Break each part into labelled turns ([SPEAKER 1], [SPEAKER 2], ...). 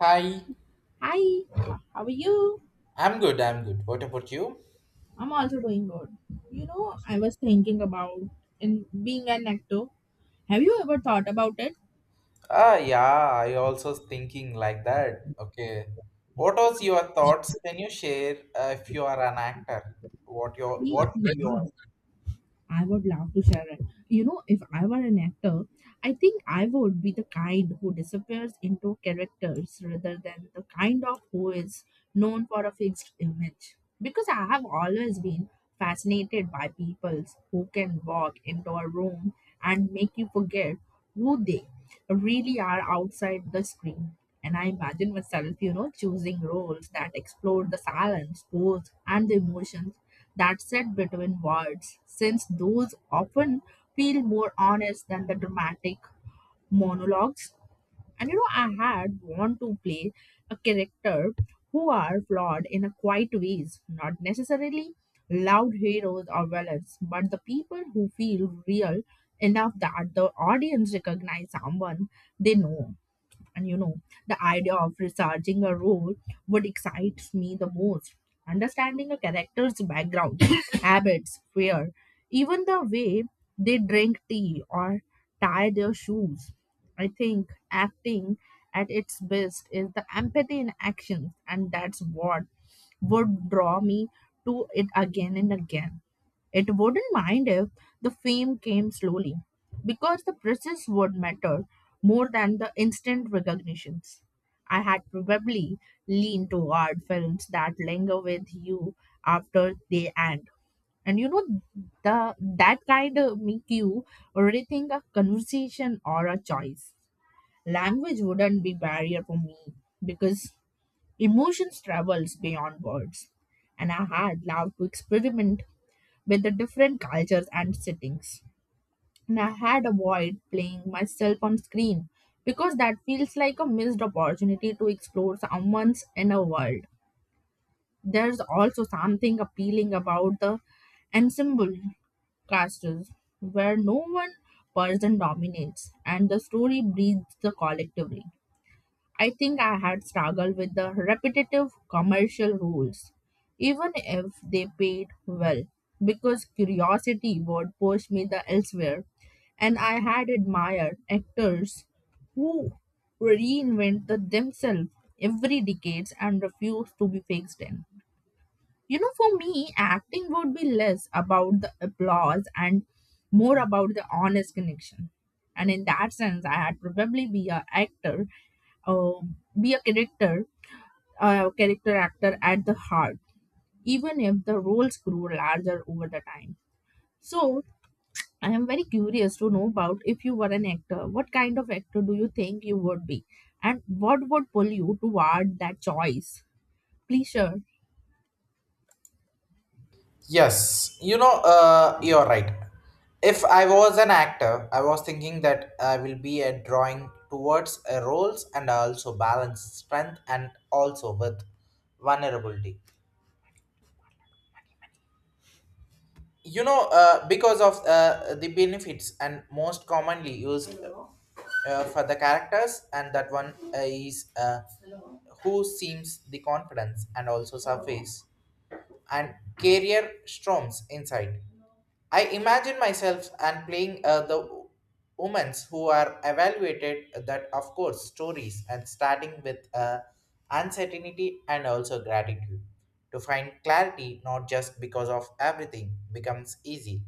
[SPEAKER 1] Hi,
[SPEAKER 2] Hi, how are you?
[SPEAKER 1] I'm good, I'm good. What about you?
[SPEAKER 2] I'm also doing good. You know, I was thinking about in being an actor. Have you ever thought about it?
[SPEAKER 1] Ah, yeah, I also thinking like that. Okay. What was your thoughts? Can you share if you are an actor? What your
[SPEAKER 2] Yeah.
[SPEAKER 1] what your
[SPEAKER 2] I would love to share it. You know, if I were an actor, I think I would be the kind who disappears into characters rather than the kind of who is known for a fixed image. Because I have always been fascinated by people who can walk into a room and make you forget who they really are outside the screen. And I imagine myself, you know, choosing roles that explore the silence, pose, and the emotions that sit between words, since those often feel more honest than the dramatic monologues. And you know, I had want to play a character who are flawed in a quiet ways, not necessarily loud heroes or villains, but the people who feel real enough that the audience recognize someone they know. And you know, the idea of researching a role would excites me the most. Understanding a character's background, habits, fear, even the way they drink tea or tie their shoes. I think acting at its best is the empathy in action, and that's what would draw me to it again and again. It wouldn't mind if the fame came slowly, because the process would matter more than the instant recognitions. I had probably leaned toward films that linger with you after they end. And you know, the that kind of make you rethink a conversation or a choice. Language wouldn't be barrier for me because emotions travels beyond words. And I had loved to experiment with the different cultures and settings. And I had avoided playing myself on screen because that feels like a missed opportunity to explore someone's inner world. There's also something appealing about the ensemble castles where no one person dominates and the story breathes collectively. I think I had struggled with the repetitive commercial rules, even if they paid well, because curiosity would push me the elsewhere, and I had admired actors who reinvented themselves every decades and refused to be fixed in. You know, for me, acting would be less about the applause and more about the honest connection. And in that sense, I had probably be a actor, uh, be a character actor at the heart, even if the roles grew larger over the time. So I am very curious to know about if you were an actor, what kind of actor do you think you would be, and what would pull you toward that choice? Please share.
[SPEAKER 1] Yes, you're right. If I was an actor, I was thinking that I will be a drawing towards a roles and also balance strength and also with vulnerability. Because of the benefits and most commonly used for the characters, and that one is who seems the confidence and also surface and career storms inside. I imagine myself and playing the women who are evaluated that of course stories and starting with uncertainty and also gratitude to find clarity not just because of everything becomes easy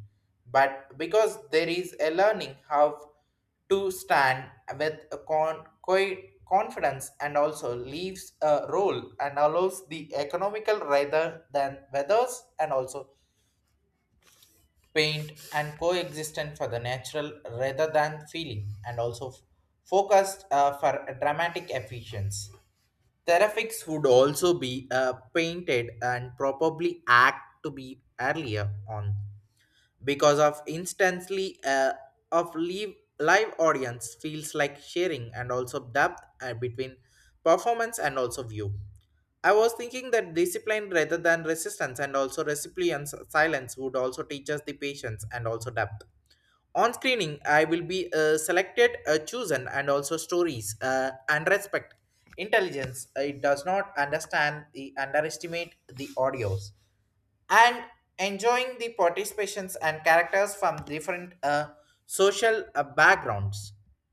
[SPEAKER 1] but because there is a learning how to stand with a confidence and also leaves a role and allows the economical rather than weathers and also paint and coexistent for the natural rather than feeling and also focused for a dramatic efficiency. Therapics would also be painted and probably act to be earlier on because of instantly of live audience feels like sharing and also depth between performance and also view. I was thinking that discipline rather than resistance and also recipient's silence would also teach us the patience and also depth on screening. I will be selected chosen and also stories and respect intelligence. It does not understand the underestimate the audios, and enjoying the participations and characters from different social backgrounds,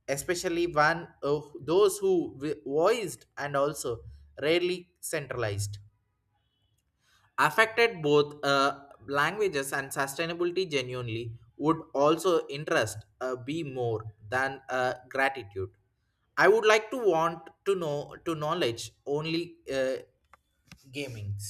[SPEAKER 1] especially one of those who voiced and also rarely centralized, affected both languages and sustainability genuinely would also interest be more than gratitude. I would like to want to know to knowledge only gamings,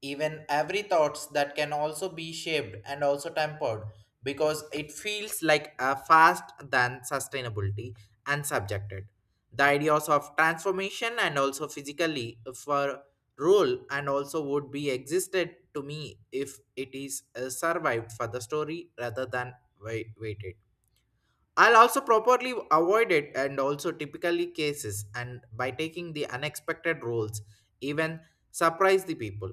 [SPEAKER 1] even every thoughts that can also be shaped and also tempered because it feels like a fast than sustainability and subjected the ideas of transformation and also physically for role and also would be existed to me if it is survived for the story rather than waited. I'll also properly avoid it and also typically cases and by taking the unexpected roles, even surprise the people.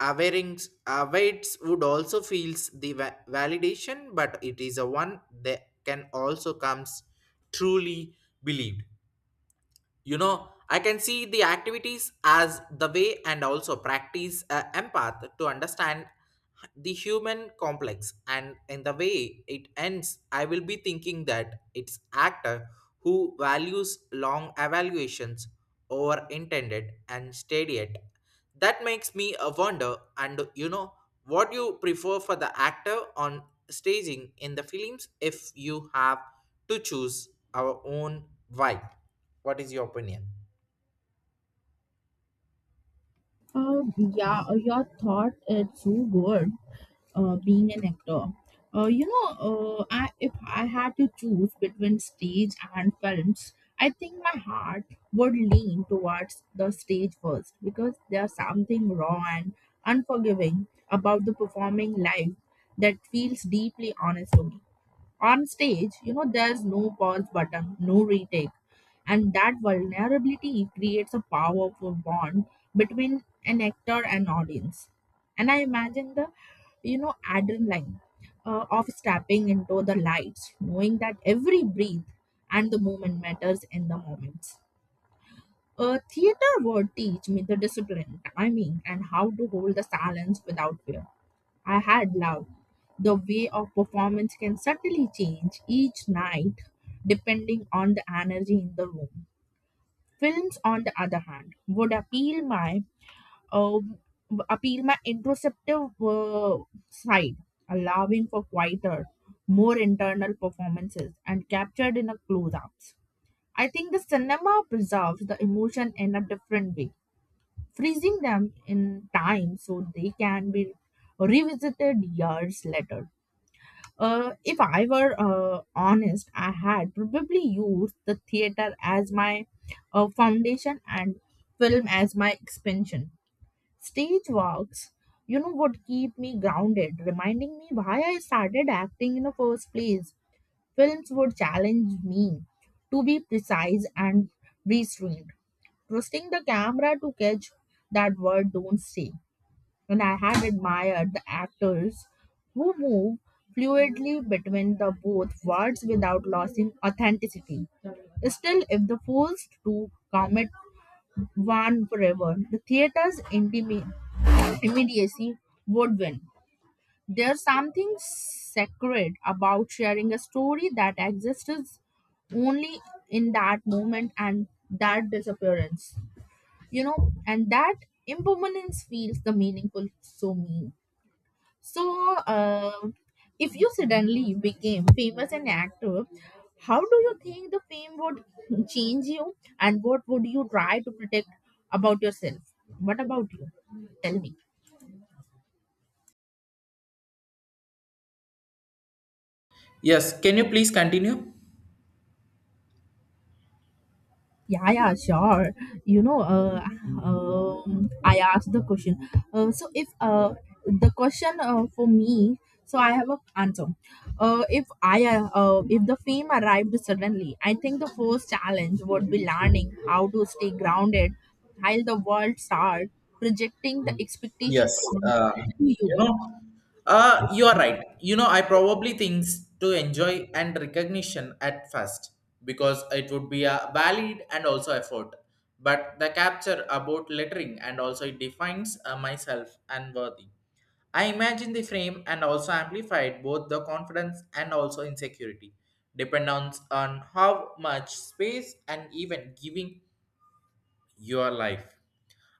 [SPEAKER 1] Awareings, awaits would also feels the validation, but it is a one that can also comes truly believed. You know, I can see the activities as the way and also practice empath to understand the human complex, and in the way it ends I will be thinking that it's actor who values long evaluations over intended and steady it. That makes me a wonder, and you know what you prefer for the actor on staging in the films if you have to choose our own vibe. What is your opinion?
[SPEAKER 2] Yeah, your thought is so good. Being an actor, you know, I if I had to choose between stage and films, I think my heart would lean towards the stage first because there's something raw and unforgiving about the performing live that feels deeply honest to me on stage. You know, there's no pause button, no retake, and that vulnerability creates a powerful bond between an actor and audience. And I imagine the, you know, adrenaline of stepping into the lights, knowing that every breath and the movement matters in the moment. Theater would teach me the discipline, timing, and how to hold the silence without fear. I had love. The way of performance can subtly change each night depending on the energy in the room. Films, on the other hand, would appeal my uh, introspective side, allowing for quieter, more internal performances and captured in a close-ups. I think the cinema preserves the emotion in a different way, freezing them in time so they can be revisited years later. If I were honest, I had probably used the theater as my foundation and film as my expansion. Stage walks, you know, would keep me grounded, reminding me why I started acting in the first place. Films would challenge me to be precise and restrained, trusting the camera to catch that word don't say. And I had admired the actors who move fluidly between the both words without losing authenticity. Still, if the forced to commit one forever, the theater's intimate immediacy would win. There's something sacred about sharing a story that exists only in that moment, and that disappearance, you know, and that impermanence feels the meaningful to me. So if you suddenly became famous and actor, how do you think the fame would change you, and what would you try to protect about yourself? What about you? Tell me.
[SPEAKER 1] Yes, can you please continue?
[SPEAKER 2] Yeah, yeah, sure. You know, I asked the question. So if the question for me, so I have a answer. If I if the fame arrived suddenly, I think the first challenge would be learning how to stay grounded while the world start projecting the expectations
[SPEAKER 1] Yes,
[SPEAKER 2] on
[SPEAKER 1] you
[SPEAKER 2] you.
[SPEAKER 1] know, you are right. You know, I probably things to enjoy and recognition at first because it would be a valid and also effort. But the capture about lettering and also it defines myself and worthy. I imagine the frame and also amplified both the confidence and also insecurity, depends on how much space and even giving your life.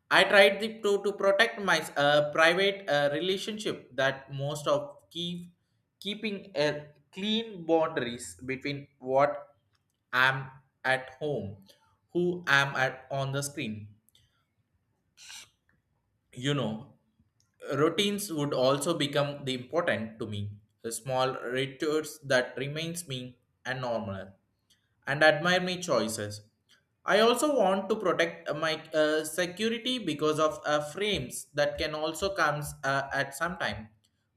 [SPEAKER 1] I tried the, to protect my private relationship that most of keeping a clean boundaries between what I'm at home, who I'm at on the screen. You know, routines would also become the important to me. The small rituals that remains me and normal, and admire my choices. I also want to protect my security because of frames that can also come at some time,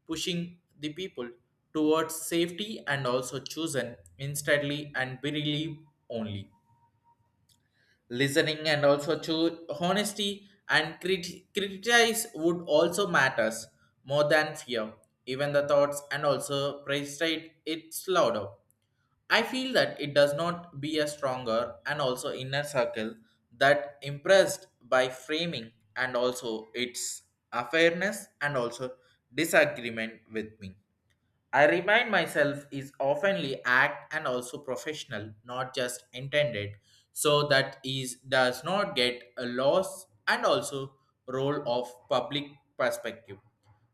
[SPEAKER 1] pushing the people towards safety and also chosen instantly and believe only. Listening and also choose honesty and criticize would also matters more than fear. Even the thoughts and also praise it, it's louder. I feel that it does not be a stronger and also inner circle that impressed by framing and also its unfairness and also disagreement with me. I remind myself is oftenly act and also professional, not just intended, so that is does not get a loss and also role of public perspective.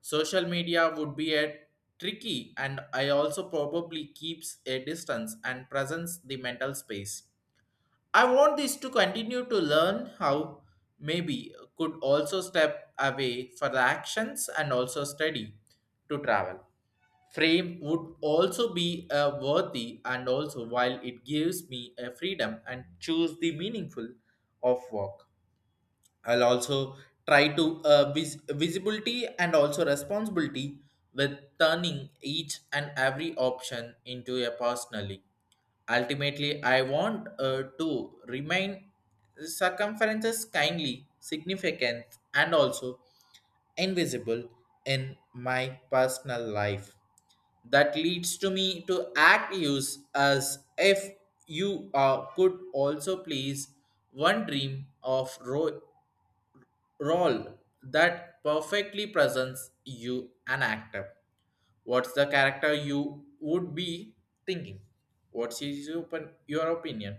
[SPEAKER 1] Social media would be a tricky, and I also probably keeps a distance and presents the mental space. I want this to continue to learn how maybe could also step away for the actions and also study to travel. Frame would also be a worthy and also while it gives me a freedom and choose the meaningful of work. I'll also try to visibility and also responsibility with turning each and every option into a personally. Ultimately I want to remain circumferences kindly significant and also invisible in my personal life. That leads to me to act use as if you could also please one dream of role that perfectly presents you an actor. What's the character you would be thinking? What's his open, your opinion?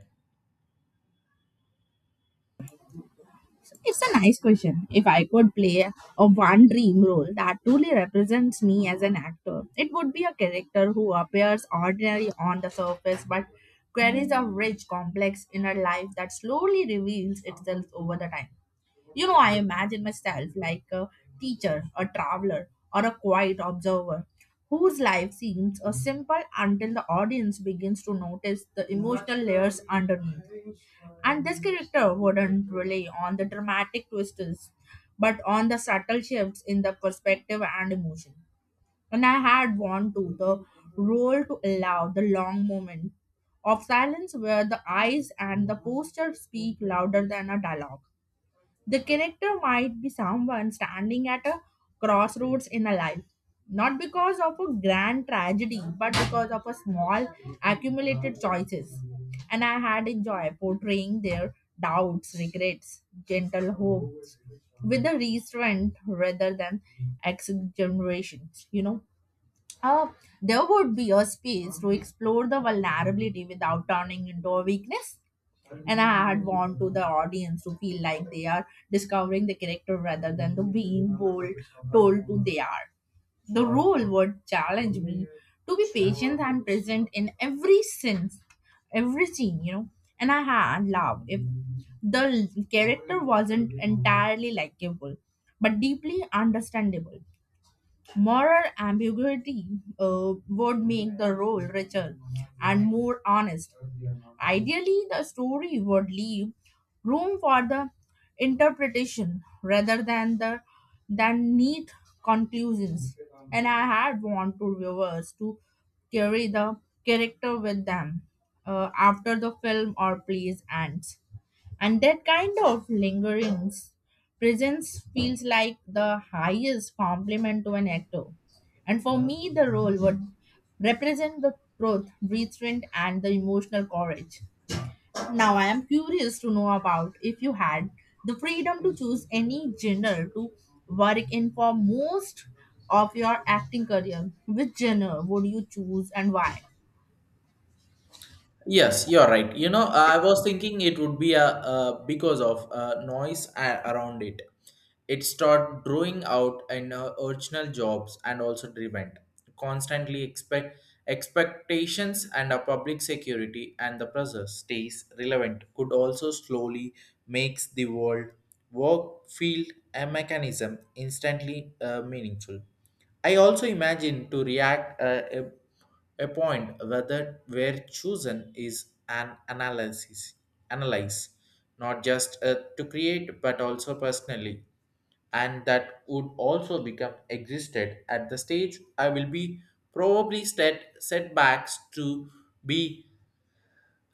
[SPEAKER 2] It's a nice question. If I could play a one dream role that truly represents me as an actor, it would be a character who appears ordinary on the surface but carries a rich, complex inner life that slowly reveals itself over the time. You know, I imagine myself like a teacher, a traveler, or a quiet observer whose life seems a simple until the audience begins to notice the emotional layers underneath. And this character wouldn't rely on the dramatic twists, but on the subtle shifts in the perspective and emotion. And I had want to the role to allow the long moment of silence where the eyes and the posture speak louder than a dialogue. The character might be someone standing at a crossroads in a life, not because of a grand tragedy, but because of a small accumulated choices. And I had enjoyed portraying their doubts, regrets, gentle hopes with a restraint rather than exaggerations, you know. Uh, there would be a space to explore the vulnerability without turning into a weakness. And I had want to the audience to feel like they are discovering the character rather than the being bold told who they are. The role would challenge me to be patient and present in every sense, every scene, you know. And I had love if the character wasn't entirely likable, but deeply understandable. Moral ambiguity would make the role richer and more honest. Ideally, the story would leave room for the interpretation rather than the than neat conclusions. And I had want to viewers to carry the character with them after the film or plays ends. And that kind of lingering presence feels like the highest compliment to an actor. And for me, the role would represent the truth, restraint, and the emotional courage. Now, I am curious to know about if you had the freedom to choose any genre to work in for most of your acting career, which genre would you choose and why?
[SPEAKER 1] Yes, you're right. You know, I was thinking it would be a, because of noise around it. It start drawing out in original jobs and also driven constantly expectations and a public security and the pressure stays relevant could also slowly makes the world work field a mechanism instantly meaningful. I also imagine to react a point whether where chosen is an analyze, not just to create but also personally, and that would also become existed at the stage. I will be probably setbacks to be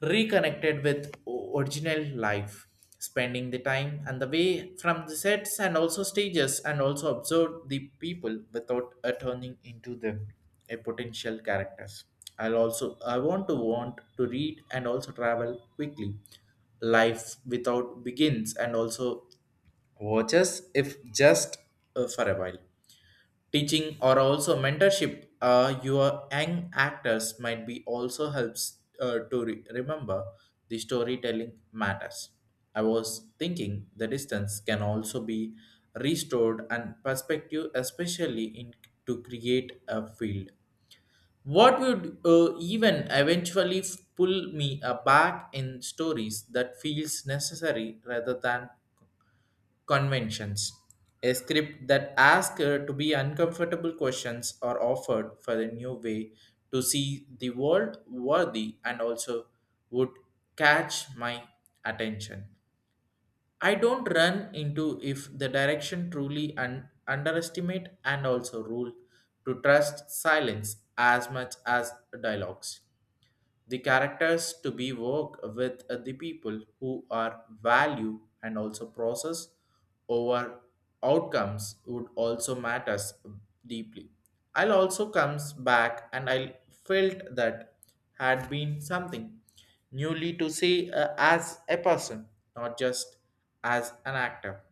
[SPEAKER 1] reconnected with original life, spending the time and the way from the sets and also stages and also observe the people without turning into them a potential characters. I'll also I want to read and also travel quickly life without begins and also watches if just for a while. Teaching or also mentorship, your young actors might be also helps to remember the storytelling matters. I was thinking the distance can also be restored and perspective, especially in to create a field. What would even eventually pull me back in stories that feels necessary rather than conventions. A script that asks to be uncomfortable questions are offered for the new way to see the world worthy and also would catch my attention. I don't run into if the direction truly underestimate and also rule to trust silence as much as dialogues. The characters to be work with the people who are value and also process over outcomes would also matters deeply. I'll also comes back and I felt that had been something newly to see as a person, not just as an actor.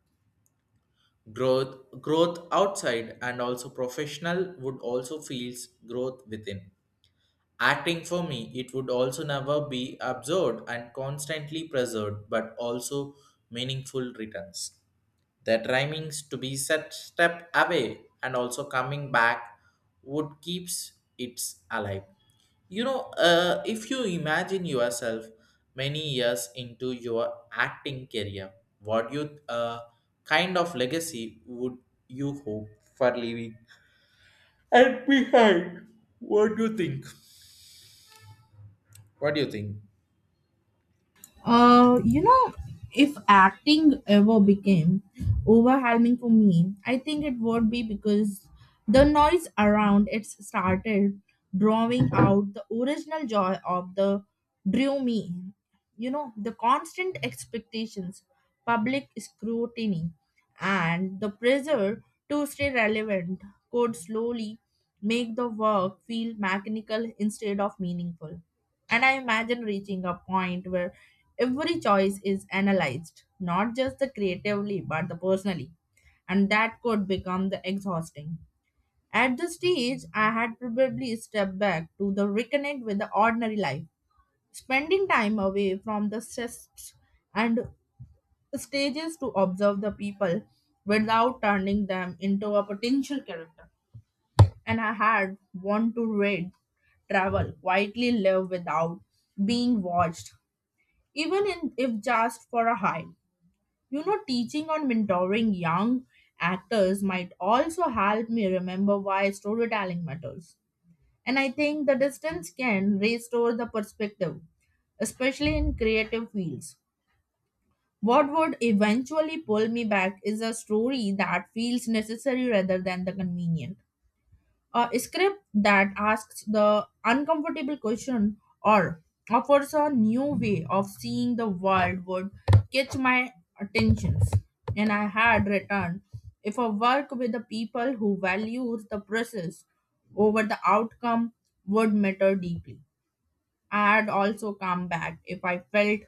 [SPEAKER 1] Growth outside and also professional would also feels growth within. Acting for me, it would also never be absorbed and constantly preserved, but also meaningful returns. The timings to be set step away and also coming back would keeps it alive. If you imagine yourself many years into your acting career, what you kind of legacy would you hope for leaving and behind? What do you think? What do you think?
[SPEAKER 2] You know, if acting ever became overwhelming for me, I think it would be because the noise around it started drawing out the original joy of the drew me. You know, the constant expectations, public scrutiny, and the pressure to stay relevant could slowly make the work feel mechanical instead of meaningful. And I imagine reaching a point where every choice is analyzed, not just the creatively, but the personally. And that could become the exhausting. At this stage, I had probably stepped back to the reconnect with the ordinary life, spending time away from the stress and stages to observe the people without turning them into a potential character. And I had want to read, travel, quietly live without being watched, even in, if just for a high. You know, teaching or mentoring young actors might also help me remember why storytelling matters. And I think the distance can restore the perspective, especially in creative fields. What would eventually pull me back is a story that feels necessary rather than the convenient, a script that asks the uncomfortable question or offers a new way of seeing the world would catch my attentions. And I had returned if I work with the people who values the process over the outcome would matter deeply. I had also come back if I felt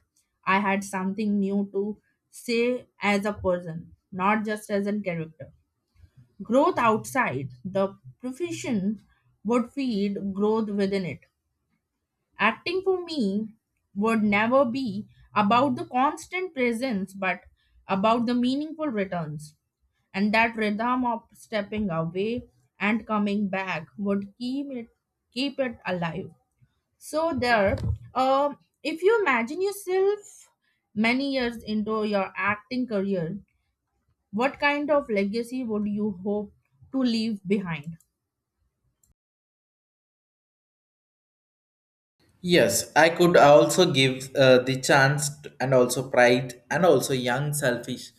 [SPEAKER 2] I had something new to say as a person, not just as a character. Growth outside the profession would feed growth within it. Acting for me would never be about the constant presence but about the meaningful returns. And that rhythm of stepping away and coming back would keep it alive. So there, um, if you imagine yourself many years into your acting career, what kind of legacy would you hope to leave behind?
[SPEAKER 1] Yes, I could also give the chance and also pride and also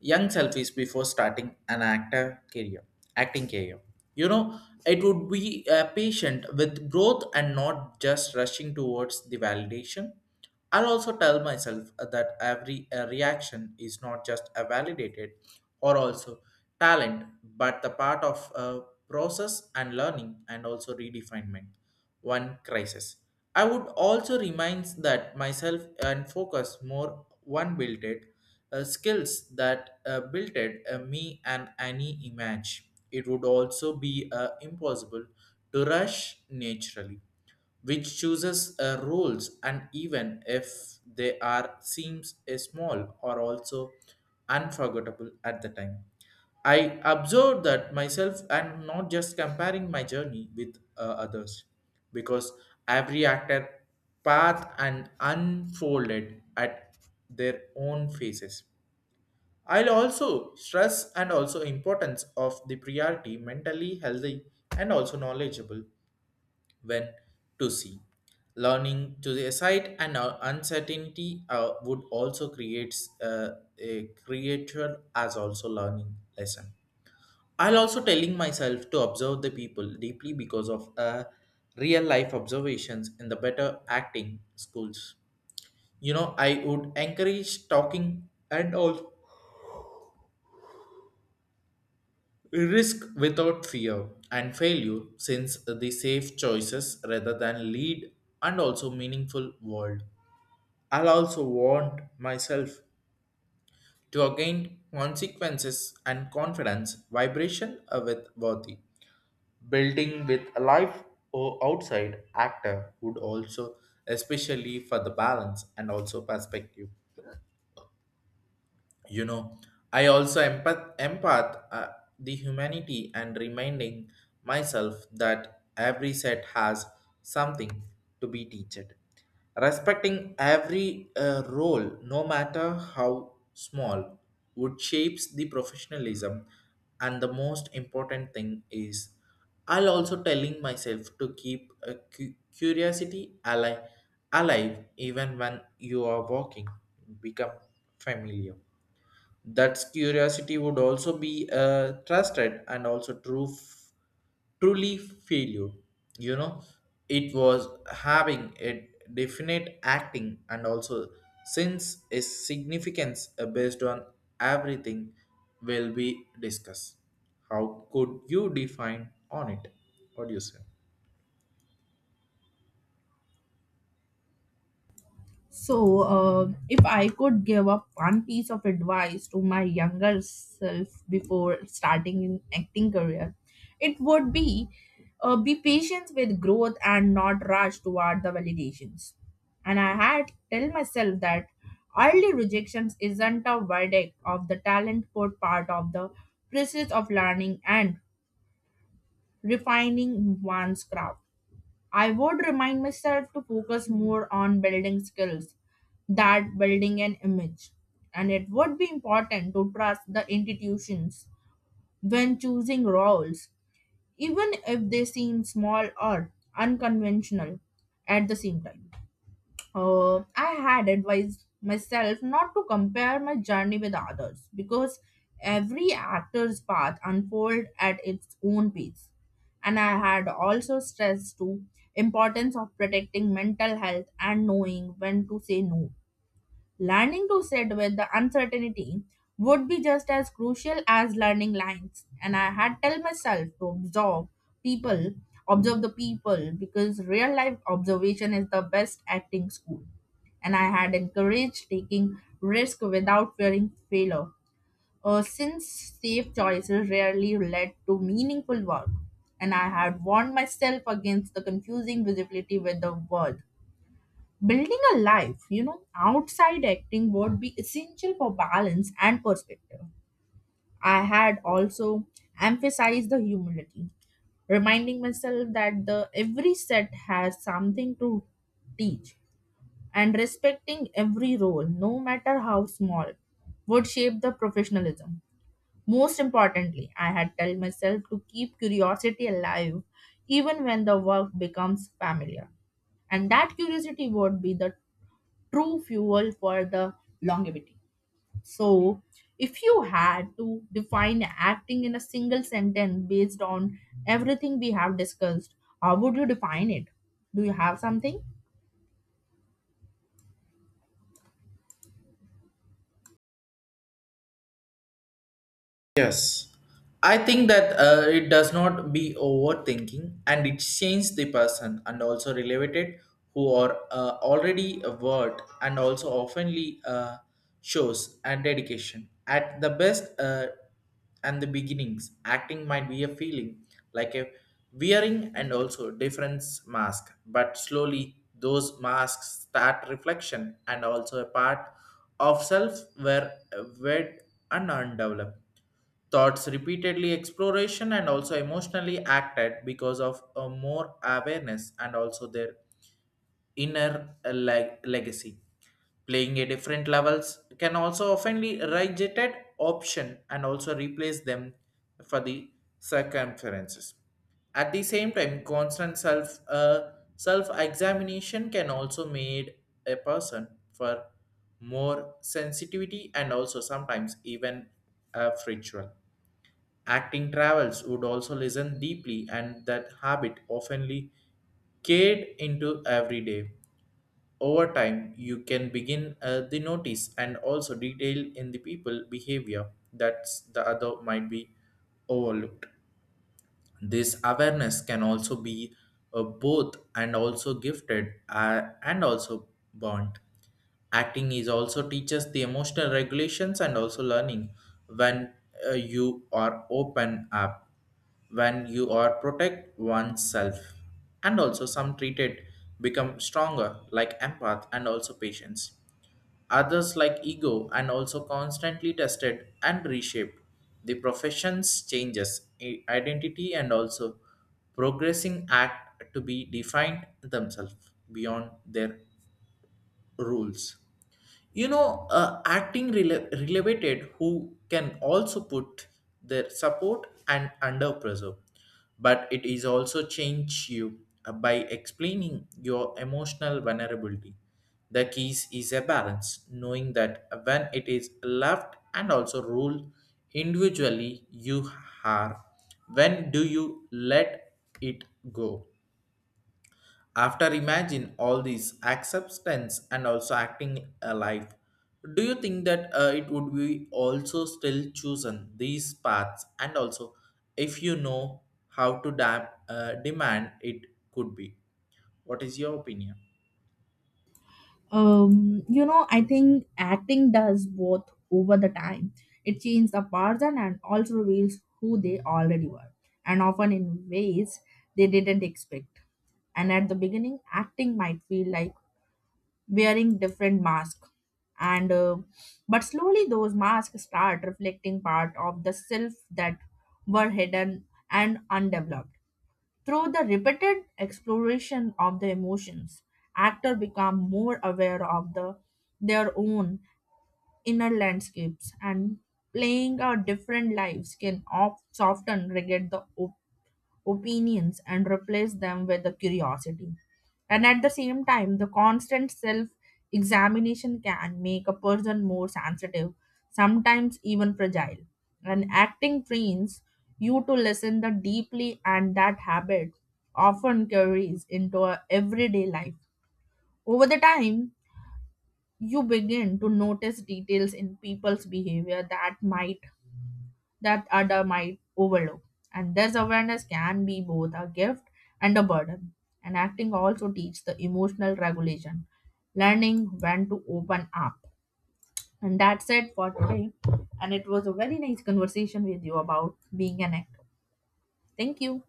[SPEAKER 1] young selfish before starting an acting career. You know, it would be patient with growth and not just rushing towards the validation. I'll also tell myself that every reaction is not just a validated or also talent, but the part of process and learning and also redefinement. One crisis. I would also remind that myself and focus more one built it me and any image. It would also be impossible to rush naturally which chooses rules, and even if they are seems a small or also unforgettable at the time. I observed that myself and not just comparing my journey with others because every actor path and unfolded at their own faces. I'll also stress and also importance of the priority mentally healthy and also knowledgeable when to see. Learning to the aside and uncertainty would also create uh, a creature as also learning lesson. I'll also telling myself to observe the people deeply because of real life observations in the better acting schools. You know, I would encourage talking and all risk without fear and failure since the safe choices rather than lead and also meaningful world. I'll also want myself to again consequences and confidence vibration with worthy. Building with a life or outside actor would also, especially for the balance and also perspective. You know, I also empath the humanity and reminding myself that every set has something to be teached, respecting every role no matter how small would shapes the professionalism. And the most important thing is, I'll also telling myself to keep a curiosity alive even when you are walking become familiar. That curiosity would also be trusted and also truly failure. You know, it was having a definite acting and also since a significance based on everything will be discussed. How could you define on it? What do you say?
[SPEAKER 2] So, if I could give up one piece of advice to my younger self before starting in acting career, it would be patient with growth and not rush toward the validations. And I had tell myself that early rejections isn't a verdict of the talent but part of the process of learning and refining one's craft. I would remind myself to focus more on building skills that building an image. And it would be important to trust the institutions when choosing roles, even if they seem small or unconventional at the same time. I had advised myself not to compare my journey with others because every actor's path unfolds at its own pace. And I had also stressed to importance of protecting mental health and knowing when to say no. Learning to sit with the uncertainty would be just as crucial as learning lines. And I had tell myself to observe people, because real life observation is the best acting school. And I had encouraged taking risk without fearing failure. Since safe choices rarely led to meaningful work, and I had warned myself against the confusing visibility with the world. Building a life, you know, outside acting would be essential for balance and perspective. I had also emphasized the humility, reminding myself that the every set has something to teach, and respecting every role, no matter how small, would shape the professionalism. Most importantly, I had tell myself to keep curiosity alive even when the work becomes familiar, and that curiosity would be the true fuel for the longevity. So, if you had to define acting in a single sentence based on everything we have discussed, how would you define it? Do you have something?
[SPEAKER 1] Yes, I think that it does not be overthinking and it changes the person and also related who are already award and also oftenly shows and dedication. At the best and the beginnings, acting might be a feeling like a wearing and also difference mask, but slowly those masks start reflection and also a part of self were wed and undeveloped. Thoughts repeatedly exploration and also emotionally acted because of a more awareness and also their inner legacy. Playing at different levels can also oftenly rejected option and also replace them for the circumferences. At the same time, constant self examination can also made a person for more sensitivity and also sometimes even fritual. Acting travels would also listen deeply, and that habit oftenly carried into every day. Over time, you can begin the notice and also detail in the people behavior that the other might be overlooked. This awareness can also be both and also gifted and also bond. Acting is also teaches the emotional regulations and also learning when you are open up, when you are protect oneself, and also some treated become stronger like empath and also patience. Others, like ego, and also constantly tested and reshaped. The professions changes identity and also progressing act to be defined themselves beyond their rules. You know, acting related who can also put their support and under pressure, but it is also change you by explaining your emotional vulnerability. The keys is a balance knowing that when it is left and also ruled individually you are, when do you let it go? After imagine all these acceptance and also acting a life, do you think that it would be also still chosen these paths and also if you know how to demand it could be? What is your opinion?
[SPEAKER 2] You know, I think acting does both over the time. It changes a person and also reveals who they already were, and often in ways they didn't expect. And at the beginning, acting might feel like wearing different masks and but slowly those masks start reflecting part of the self that were hidden and undeveloped through the repeated exploration of the emotions. Actors become more aware of the their own inner landscapes, and playing out different lives can often regret the opinions and replace them with the curiosity. And at the same time, the constant self examination can make a person more sensitive, sometimes even fragile. And acting trains you to listen the deeply, and that habit often carries into our everyday life. Over the time, you begin to notice details in people's behavior that might that other might overlook. And this awareness can be both a gift and a burden. And acting also teaches the emotional regulation, learning when to open up. And that's it for today. And it was a very nice conversation with you about being an actor. Thank you.